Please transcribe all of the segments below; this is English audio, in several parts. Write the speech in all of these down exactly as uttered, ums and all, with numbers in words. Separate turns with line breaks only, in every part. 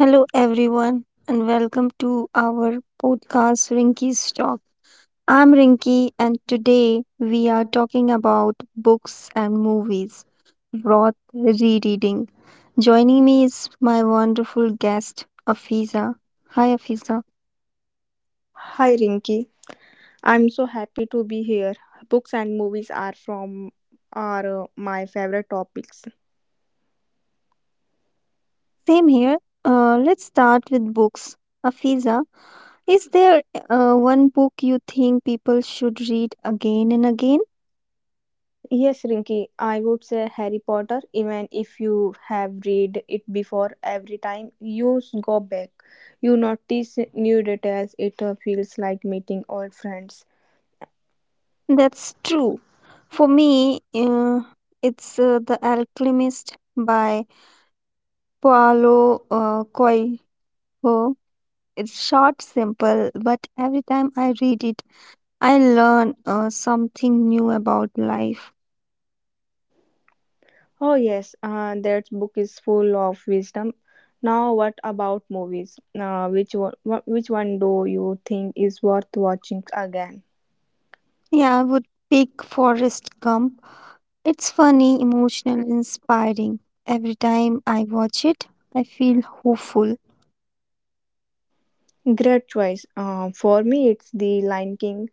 Hello, everyone, and welcome to our podcast Rinky's Talk. I'm Rinky, and today we are talking about books and movies, worth rereading. Joining me is my wonderful guest, Afiza. Hi, Afiza.
Hi Rinki, I'm so happy to be here. Books and movies are from are uh, my favorite topics.
Same here. Uh, let's start with books. Afiza, is there uh, one book you think people should read again and again?
Yes, Rinki, I would say Harry Potter. Even if you have read it before, every time you s- go back, you notice new details. It uh, feels like meeting old friends.
That's true. For me, uh, it's uh, The Alchemist by Paolo uh, Coelho. It's short, simple, but every time I read it, I learn uh, something new about life.
Oh yes, uh, that book is full of wisdom. Now what about movies? Uh, which one, wh- which one do you think is worth watching again?
Yeah, I would pick Forrest Gump. It's funny, emotional, inspiring. Every time I watch it, I feel hopeful.
Great choice. Uh, for me, it's The Lion King.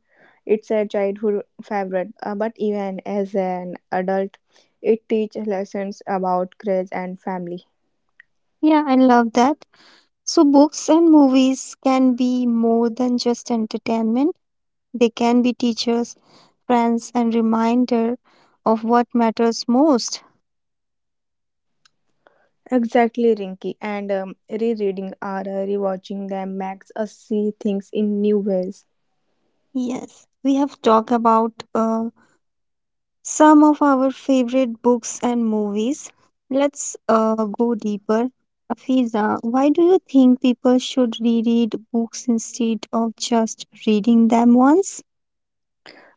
It's a childhood favorite, uh, but even as an adult, it teaches lessons about courage and family.
Yeah, I love that. So, books and movies can be more than just entertainment. They can be teachers, friends, and reminder of what matters most.
Exactly, Rinky. And um, Rereading or uh, rewatching them makes us see things in new ways.
Yes, we have talked about uh, some of our favorite books and movies. Let's uh, go deeper. Afiza, why do you think people should reread books instead of just reading them once?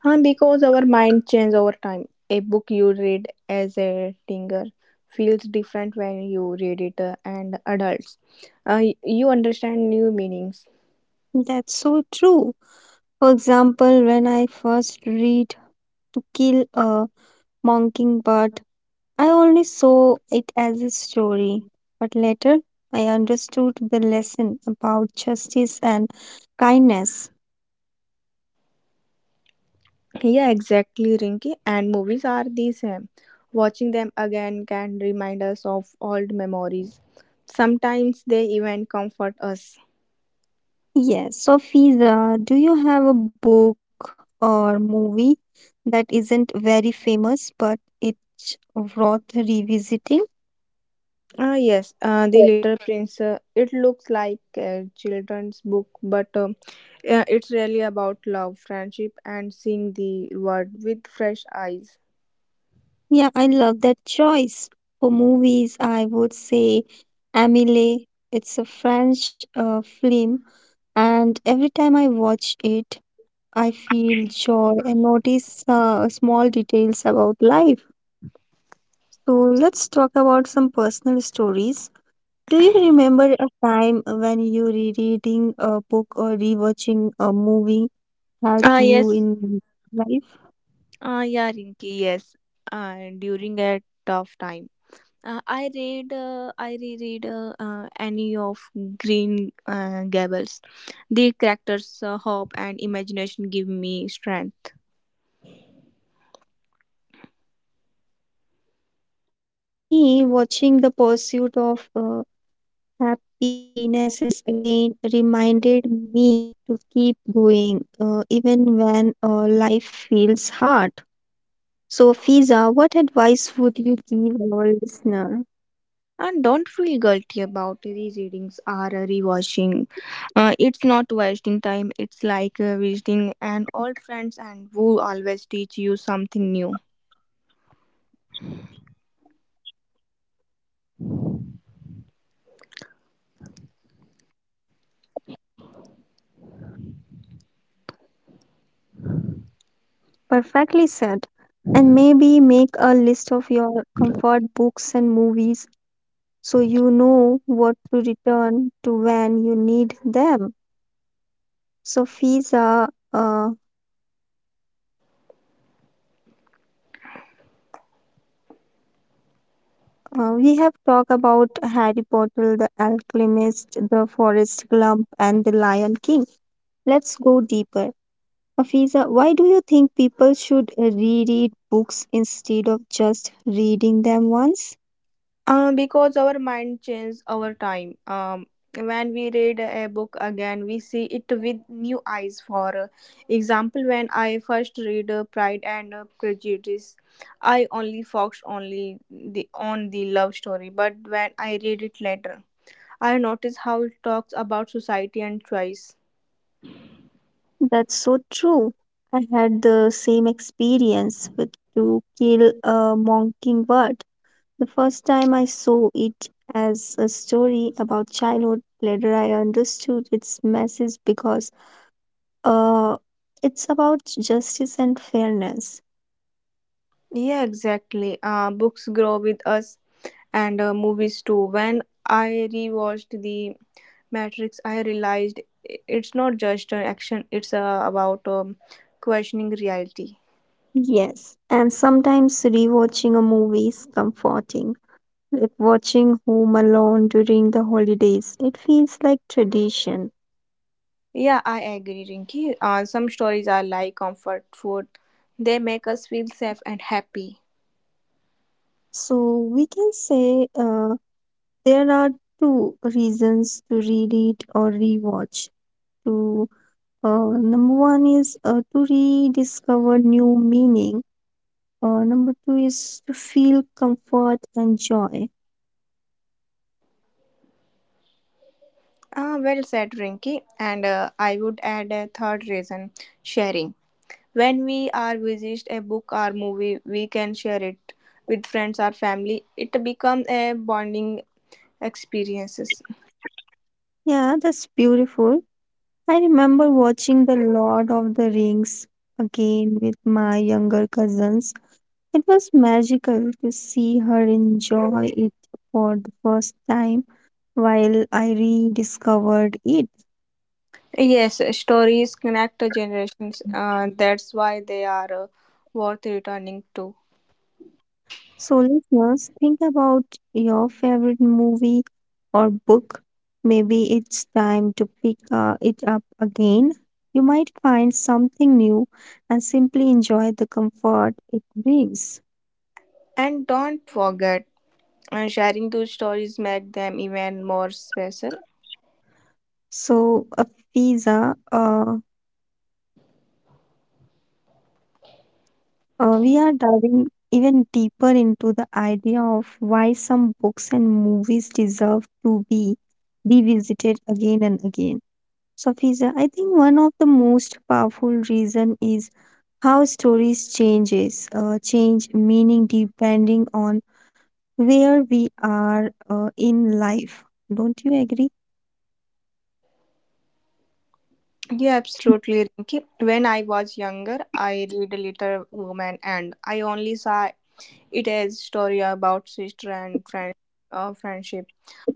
And because our mind changes over time, a book you read as a teenager feels different when you read it uh, and adults. Uh, you understand new meanings.
That's so true. For example, when I first read To Kill a Mockingbird, I only saw it as a story, but later I understood the lesson about justice and kindness.
Yeah, exactly, Rinky. And movies are the same. Watching them again can remind us of old memories. Sometimes they even comfort us.
Yes, so Fiza, do you have a book or movie that isn't very famous but it's worth revisiting?
Ah, yes, uh, The Little Prince. Uh, it looks like a children's book, but um, yeah, it's really about love, friendship, and seeing the world with fresh eyes.
Yeah, I love that choice. For movies, I would say Amélie. It's a French uh, film, and every time I watch it, I feel joy and notice uh, small details about life. So let's talk about some personal stories. Do you remember a time when you rereading a book or rewatching a movie
Ah,
helped you
yes.
in life?
Ah, yeah, Rinki, yes. And during a tough time, Uh, I read, uh, I reread uh, uh, Annie of Green uh, Gables. The characters' uh, hope and imagination give me strength.
Yeah, that's beautiful. For me, watching The Pursuit of uh, Happiness is again reminded me to keep going, uh, even when uh, life feels hard. So, Fiza, what advice would you give our listener?
And don't feel guilty about rereadings or rewatching. Uh, it's not wasting time. It's like uh, visiting an old friends and who always teach you something new.
Perfectly said. And maybe make a list of your comfort books and movies so you know what to return to when you need them. So, Fiza, uh, uh, we have talked about Harry Potter, The Alchemist, The Forest Gump, and The Lion King. Let's go deeper. Afiza, why do you think people should reread books instead of just reading them once?
Uh, because our mind changes over time. Um, when we read a book again, we see it with new eyes. For example, when I first read uh, Pride and uh, Prejudice, I only focused only the on the love story. But when I read it later, I notice how it talks about society and choice.
That's so true. I had the same experience with To Kill a Mockingbird. The first time I saw it as a story about childhood, later I understood its message because uh, it's about justice and fairness.
Yeah, exactly. Uh, books grow with us, and uh, movies too. When I rewatched the Matrix, I realized it's not just an action, it's uh, about um, questioning reality.
Yes, and sometimes rewatching a movie is comforting, like watching Home Alone during the holidays. It feels like tradition.
Yeah, I agree, Rinki. Uh, some stories are like comfort food, they make us feel safe and happy.
So we can say uh, there are two reasons to read it or rewatch. To uh, Number one is uh, to rediscover new meaning. Uh, number two is to feel comfort and joy.
Ah, well said, Rinki. And uh, I would add a third reason: sharing. When we are visit a book or movie, we can share it with friends or family. It becomes a bonding experiences.
Yeah, that's beautiful. I remember watching The Lord of the Rings again with my younger cousins. It was magical to see her enjoy it for the first time while I rediscovered it.
Yes, stories connect the generations. Uh, that's why they are uh, worth returning to.
So, listeners, think about your favorite movie or book. Maybe it's time to pick uh, it up again. You might find something new and simply enjoy the comfort it brings.
And don't forget, uh, sharing those stories make them even more special.
So, Afiza, uh, Uh, we are diving even deeper into the idea of why some books and movies deserve to be revisited again and again. So, Fiza, I think one of the most powerful reason is how stories changes, uh, change meaning depending on where we are uh, in life. Don't you agree?
Yeah, absolutely, Rinki. When I was younger, I read Little Woman, and I only saw it as story about sister and friend, uh, friendship.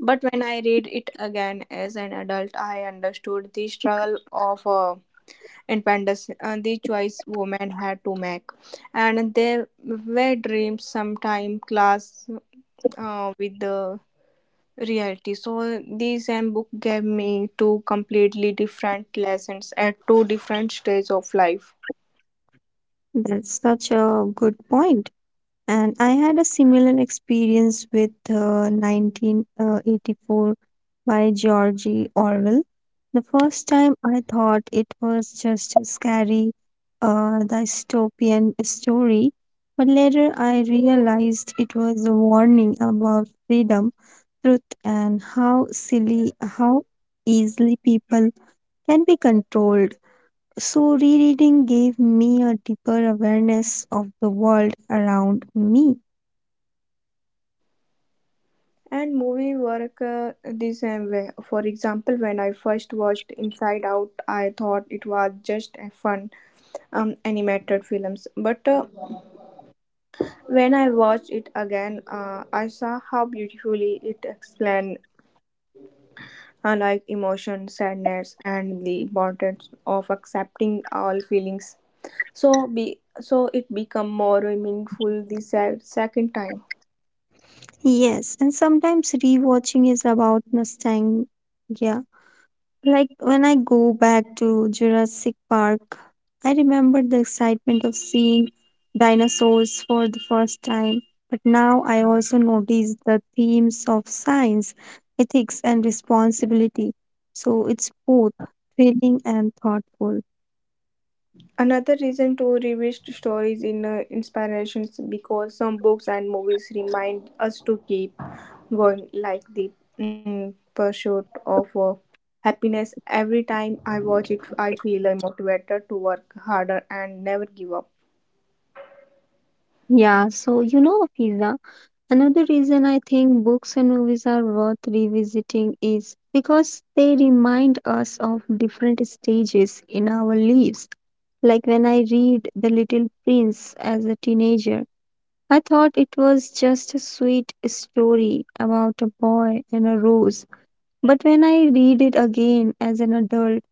But when I read it again as an adult, I understood the struggle of a independence and the choice women had to make, and there were dreams sometimes clash uh, with the reality. So these same book gave me two completely different lessons at two different stages of life.
That's such a good point. And I had a similar experience with uh, nineteen eighty-four by George Orwell. The first time I thought it was just a scary uh, dystopian story, but later I realized it was a warning about freedom, truth, and how silly, how easily people can be controlled. So, rereading gave me a deeper awareness of the world around me.
And movie work uh, the same way. For example, when I first watched Inside Out, I thought it was just a fun um, animated films, but uh, when I watched it again, uh, I saw how beautifully it explained unlike emotion, sadness, and the importance of accepting all feelings. So be so it become more meaningful the se- second time.
Yes, and sometimes rewatching is about nostalgia. Yeah, like when I go back to Jurassic Park, I remember the excitement of seeing dinosaurs for the first time. But now I also notice the themes of science, ethics, and responsibility. So it's both thrilling and thoughtful.
Another reason to revisit stories in uh, inspirations, because some books and movies remind us to keep going, like the mm, pursuit of uh, happiness. Every time I watch it, I feel uh, motivated to work harder and never give up.
Yeah, so you know, Fiza. Another reason I think books and movies are worth revisiting is because they remind us of different stages in our lives. Like when I read The Little Prince as a teenager, I thought it was just a sweet story about a boy and a rose. But when I read it again as an adult,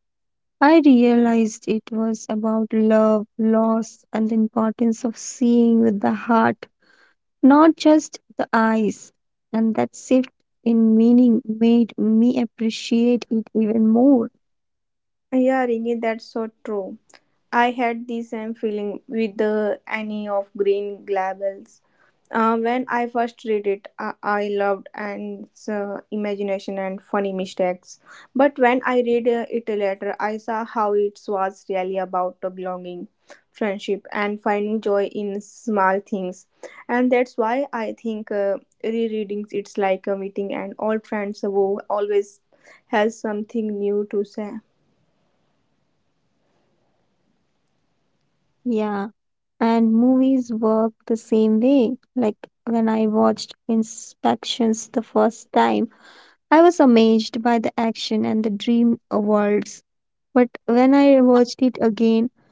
I realized it was about love, loss, and the importance of seeing with the heart, not just the eyes. And that shift in meaning made me appreciate it even more.
Yeah, Ringy, that's so true. I had the same feeling with the Annie of Green Gables. Uh, when I first read it, I, I loved and uh, imagination and funny mistakes. But when I read uh, it later, I saw how it was really about the belonging, friendship, and finding joy in small things. And that's why I think uh, rereading it's like a meeting an old friend who always has something new to say.
Yeah. And movies work the same way. Like when I watched Inspections the first time, I was amazed by the action and the dream worlds. But when I watched it again,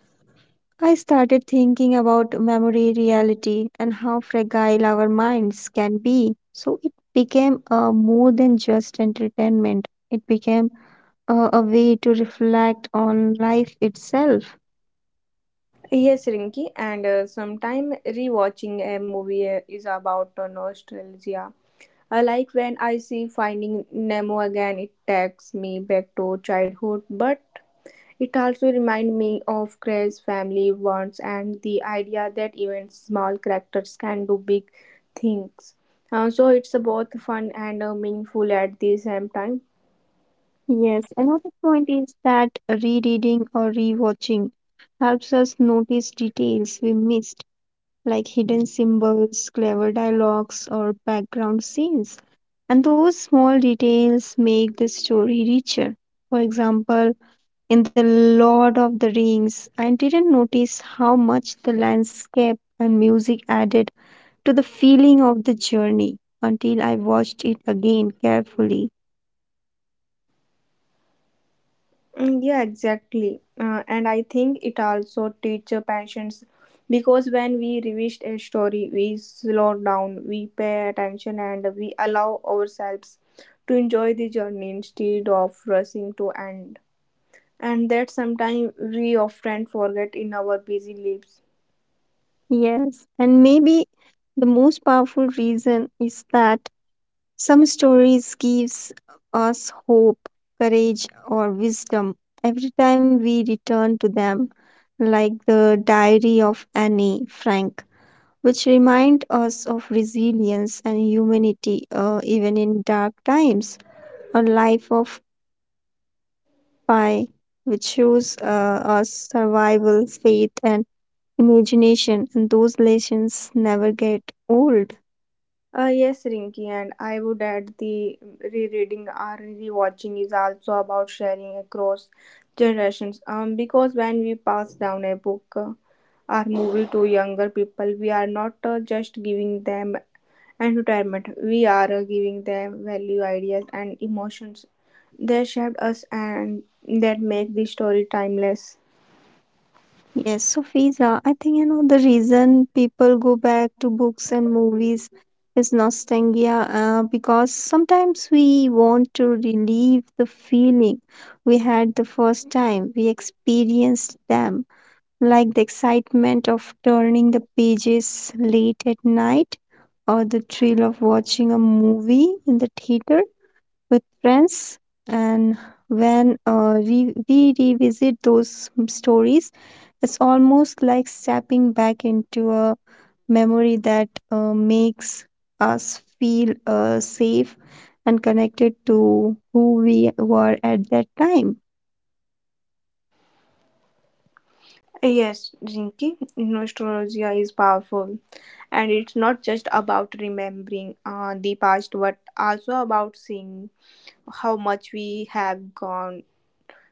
I started thinking about memory, reality, and how fragile our minds can be. So it became uh, more than just entertainment, it became uh, a way to reflect on life itself.
Yes, Rinki, and uh, sometime rewatching a movie uh, is about uh, nostalgia. Uh, like when I see Finding Nemo again, it takes me back to childhood, but it also reminds me of Craig's family wants and the idea that even small characters can do big things. Uh, so it's both fun and uh, meaningful at the same time.
Yes, another point is that rereading or rewatching helps us notice details we missed, like hidden symbols, clever dialogues, or background scenes. And those small details make the story richer. For example, in The Lord of the Rings, I didn't notice how much the landscape and music added to the feeling of the journey until I watched it again carefully.
Mm, yeah, exactly. Uh, and I think it also teaches patience, because when we revisit a story, we slow down, we pay attention, and we allow ourselves to enjoy the journey instead of rushing to end. And that sometimes we often forget in our busy lives.
Yes, and maybe the most powerful reason is that some stories gives us hope, courage or wisdom every time we return to them, like the diary of Annie Frank, which remind us of resilience and humanity uh, even in dark times, or Life of Pi, which shows uh, us survival, faith and imagination, and those lessons never get old.
Uh, yes, Rinky, and I would add the rereading or rewatching is also about sharing across generations. Um, because when we pass down a book, uh, our movie to younger people, we are not uh, just giving them entertainment, we are uh, giving them value, ideas, and emotions. They shaped us and that make the story timeless.
Yes, so Fiza, I think you know the reason people go back to books and movies is nostalgia, uh, because sometimes we want to relieve the feeling we had the first time we experienced them, like the excitement of turning the pages late at night or the thrill of watching a movie in the theater with friends. And when uh, re- we revisit those stories, it's almost like stepping back into a memory that uh, makes us feel uh, safe and connected to who we were at that time.
Yes, Jinky, nostalgia is powerful, and it's not just about remembering uh, the past, but also about seeing how much we have gone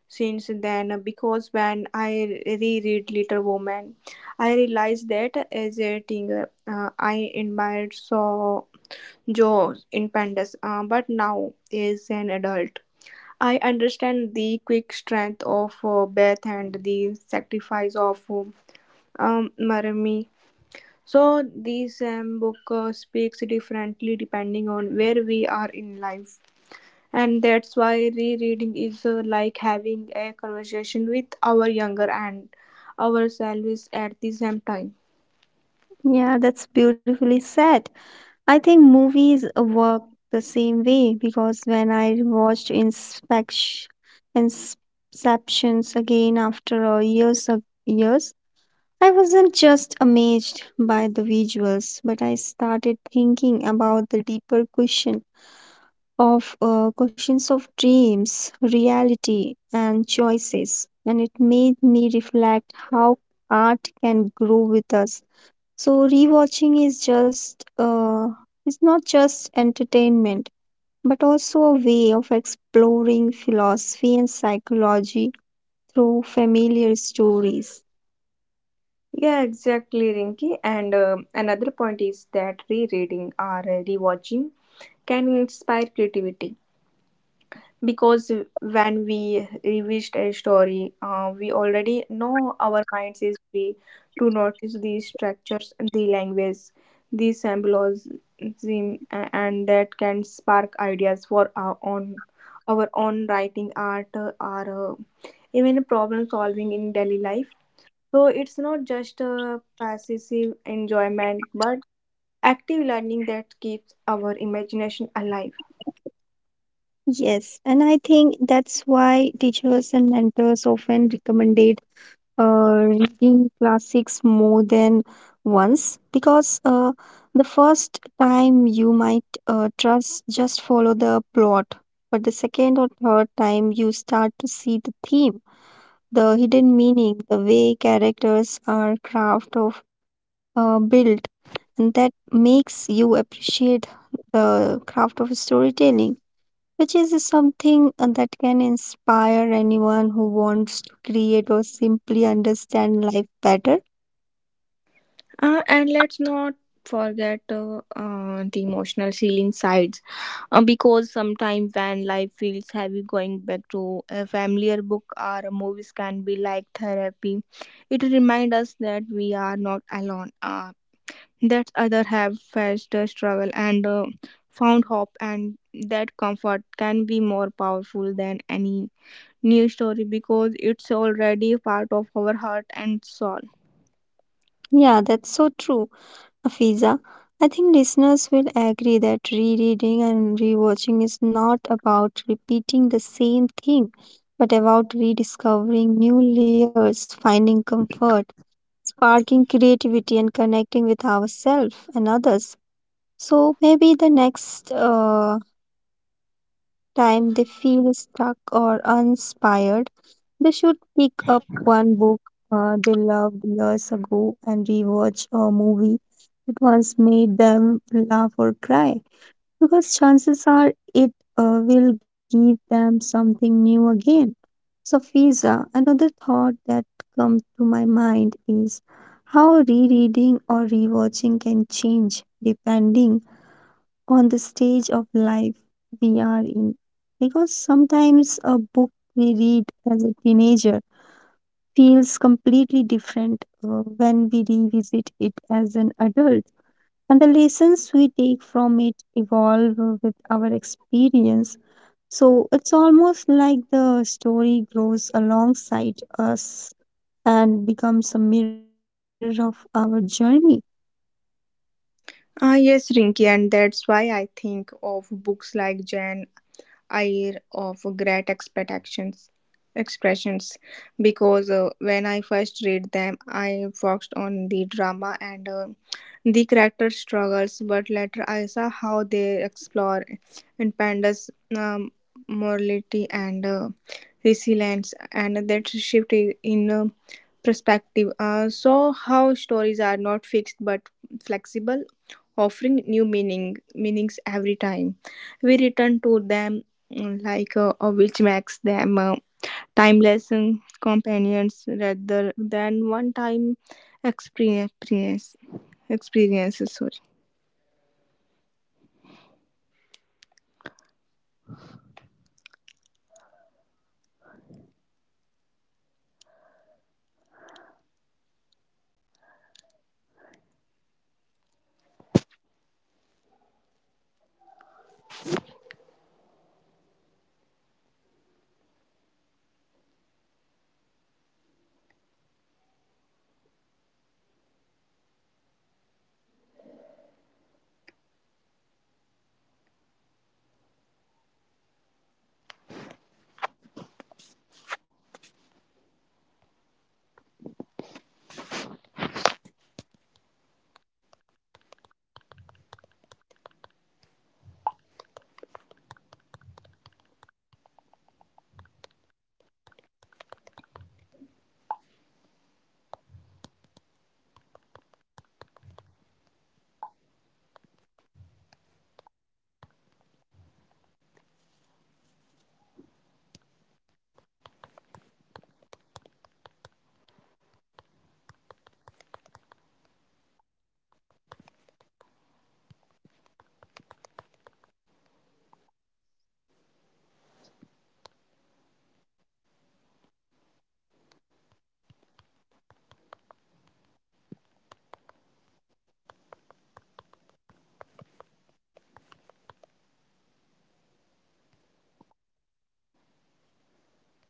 since then. Because when I reread Little Woman, I realized that as a teenager uh, I admired so Joe's independence, uh, but now as an adult, I understand the quick strength of uh, Beth and the sacrifice of um, Marmee. So, this um, book uh, speaks differently depending on where we are in life. And that's why rereading is uh, like having a conversation with our younger and ourselves at the same time.
Yeah, that's beautifully said. I think movies work the same way because when I watched inspection inceptions again after uh, years of years, I wasn't just amazed by the visuals, but I started thinking about the deeper question of uh, questions of dreams, reality, and choices. And it made me reflect how art can grow with us. So rewatching is just uh, is not just entertainment, but also a way of exploring philosophy and psychology through familiar stories.
Yeah, exactly, Rinki. And um another point is that rereading or uh, rewatching can inspire creativity, because when we revisit a story, uh, we already know our minds is free to notice these structures and the language, these symbolism, a- and that can spark ideas for our own our own writing art uh, or uh, even problem solving in daily life. So it's not just a passive enjoyment but active learning that keeps our imagination alive.
Yes, and I think that's why teachers and mentors often recommended uh, reading classics more than once, because uh, the first time you might uh, trust just follow the plot, but the second or third time you start to see theme, the hidden meaning, the way characters are craft of uh, built, and that makes you appreciate the craft of storytelling, which is something uh, that can inspire anyone who wants to create or simply understand life better.
Uh, and let's not forget uh, uh, the emotional healing sides, uh, because sometimes when life feels heavy, going back to a familiar book or movies can be like therapy. It reminds us that we are not alone, uh, that others have faced a struggle and uh, found hope, and that comfort can be more powerful than any new story because it's already part of our heart and soul.
Yeah, that's so true, Afiza. I think listeners will agree that rereading and rewatching is not about repeating the same thing, but about rediscovering new layers, finding comfort, sparking creativity, and connecting with ourselves and others. So maybe the next uh, time they feel stuck or uninspired, they should pick up one book uh, they loved years ago and rewatch a movie that once made them laugh or cry, because chances are it uh, will give them something new again. So, Fiza, another thought that comes to my mind is how rereading or rewatching can change depending on the stage of life we are in. Because sometimes a book we read as a teenager feels completely different uh, when we revisit it as an adult. And the lessons we take from it evolve uh, with our experience. So it's almost like the story grows alongside us and becomes a mirror of our journey.
Ah, yes, Rinki, and that's why I think of books like Jane Eyre of Great Expectations, Expressions, because uh, when I first read them, I focused on the drama and uh, the character struggles, but later I saw how they explore independence, um, morality, and uh, resilience. And that shift i- in uh, perspective. Uh, so, how stories are not fixed but flexible, offering new meaning meanings every time we return to them, mm, like uh, uh, which makes them uh, timeless um, companions rather than one time experience experiences.
Yes, uh, that's such a good point. And the movies work the same way because when I rewatch uh, the Shawshank uh, Redemptions, I realize that beyond uh, the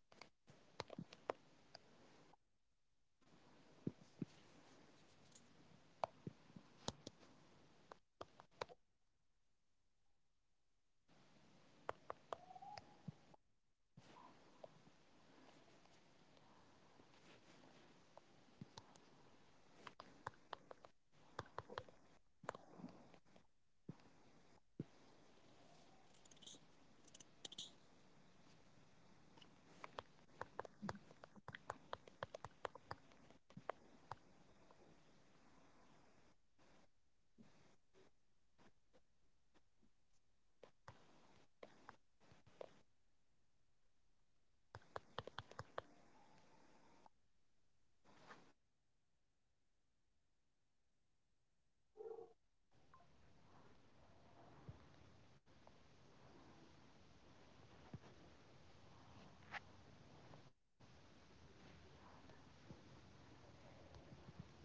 prison escapes, it's really about uh, hope, patience, and friendship. And those themes hit harder when you have lived through challenges yourself. So, rewatching becomes more than entertainment, it becomes a reminder of values that matter in.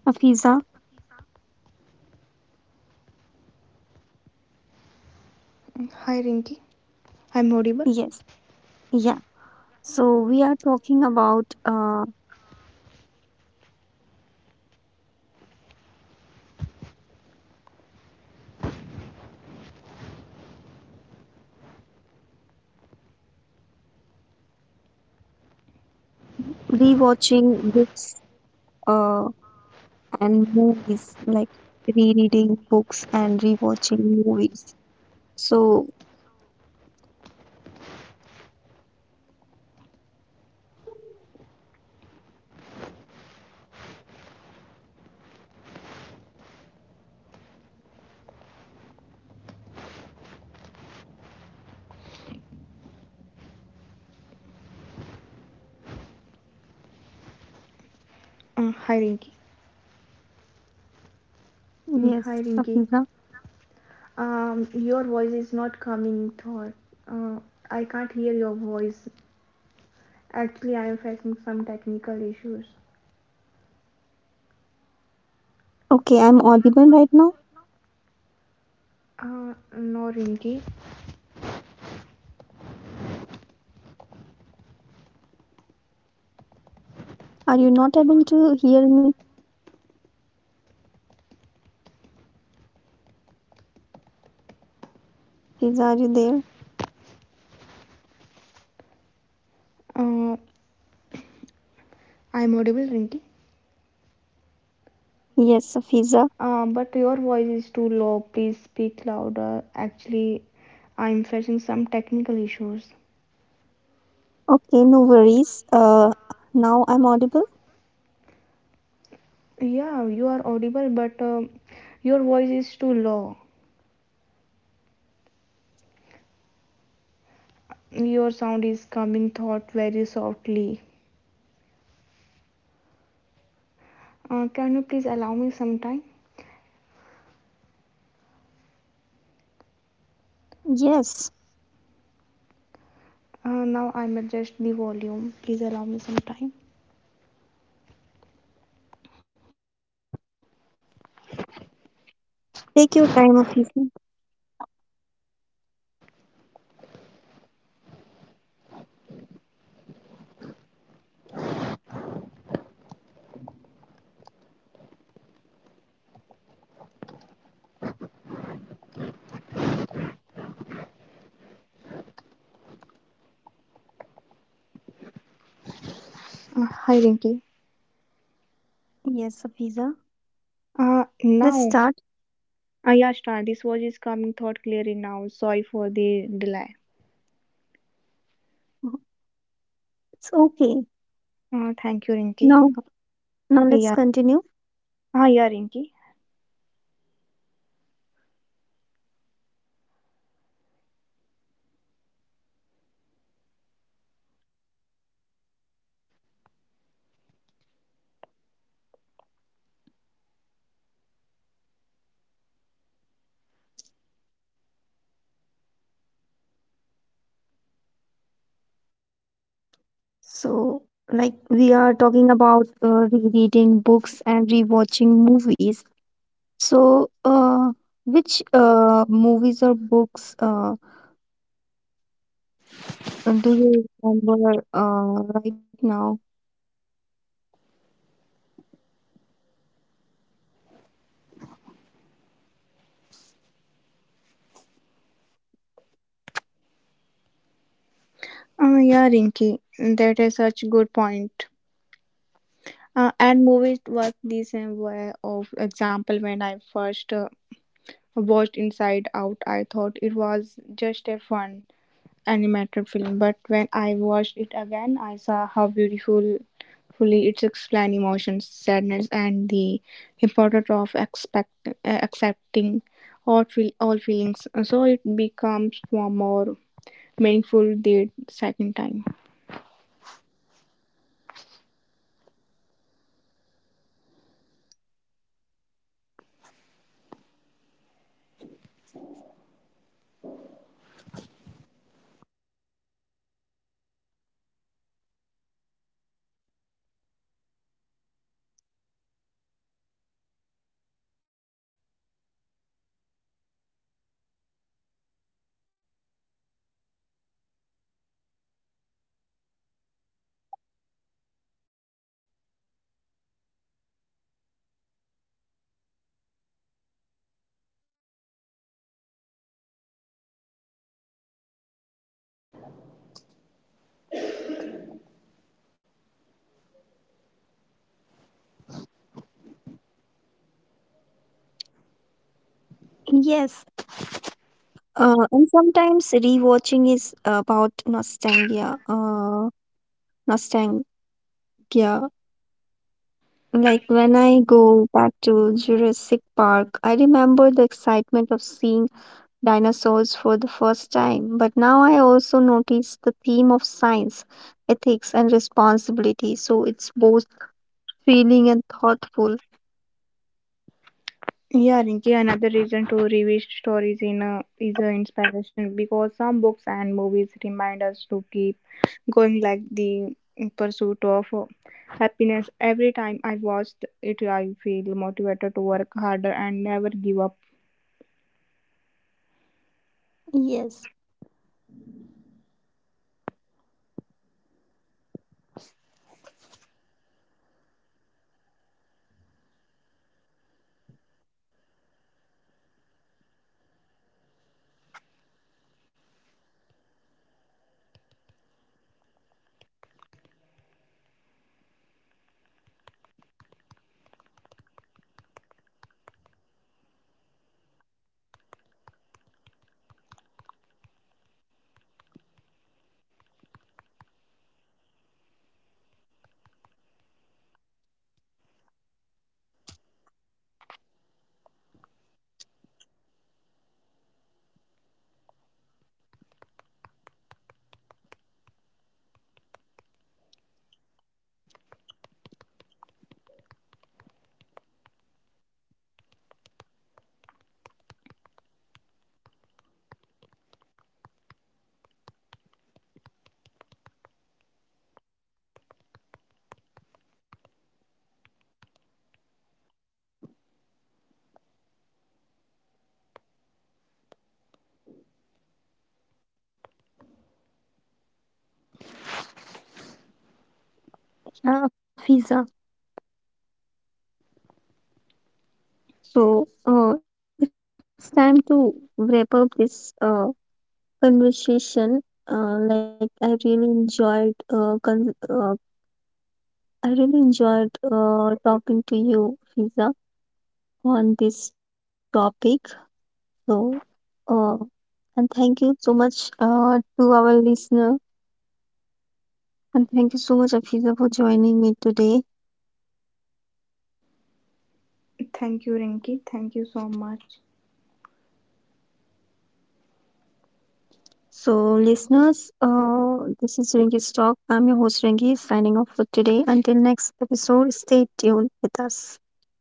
Afiza.
Hi Rinki, I'm audible.
Yes, yeah. So, we are talking about uh, rewatching books uh, and movies, like rereading books and rewatching movies. So,
Uh, hi Rinki.
yes,
Mm, hi
Afiza.
Rinki. Um, your voice is not coming through. Uh, I can't hear your voice. Actually, I am facing some technical issues.
Okay, I'm audible right now.
Uh, no Rinki.
Are you not able to hear me? Fiza, are you there?
Uh, I'm audible Rinki.
Yes, Fiza.
Uh, but your voice is too low. Please speak louder. Actually, I'm facing some technical issues.
Okay, no worries. Uh, now I'm audible.
Yeah, you are audible, but um your voice is too low. Your sound is coming, thought very softly. Uh, can you please allow me some time?
Yes.
Uh, now I'm adjust the volume. Please allow me some time.
Take your time, Afiza.
Uh, hi, Rinki.
Yes, Afiza.
Uh,
Let's
now,
start.
uh, yeah, start. This voice is coming, thought clearly now. Sorry for the delay.
It's okay.
Uh, thank you, Rinki.
Now, Now let's
Yeah.
continue.
Ah, yeah, Rinki.
So, like we are talking about uh, rereading books and rewatching movies. So, uh, which uh, movies or books uh, do you remember uh, right now?
Uh, yeah, Rinki, that is such a good point. Uh, and movies work the same way. Of example, when I first uh, watched Inside Out, I thought it was just a fun animated film. But when I watched it again, I saw how beautiful fully it explains emotions, sadness, and the importance of expect uh, accepting all feel all feelings. So it becomes more meaningful the second time.
Yes. Uh, and sometimes rewatching is about nostalgia. Uh, Nostalgia. When I go back to Jurassic Park, I remember the excitement of seeing dinosaurs for the first time. But now I also notice the theme of science, ethics, and responsibility. So it's both thrilling and thoughtful.
Yeah, Rinki, another reason to revisit stories in a, is an inspiration, because some books and movies remind us to keep going, like the mm, pursuit of uh, happiness. Every time I watched it, I feel motivated to work harder and never give up.
Yes, uh, Fiza. So uh, it's time to wrap up this uh, conversation. Uh, like I really enjoyed uh, con- uh, I really enjoyed uh, talking to you, Fiza, on this topic. So, uh, and thank you so much uh, to our listener, and thank you so much, Afiza, for joining me today.
Thank you, Rinki. Thank you so much.
So, listeners, uh, this is Ringy's Talk. I'm your host, Ringy, signing off for today. Until next episode, stay tuned with us.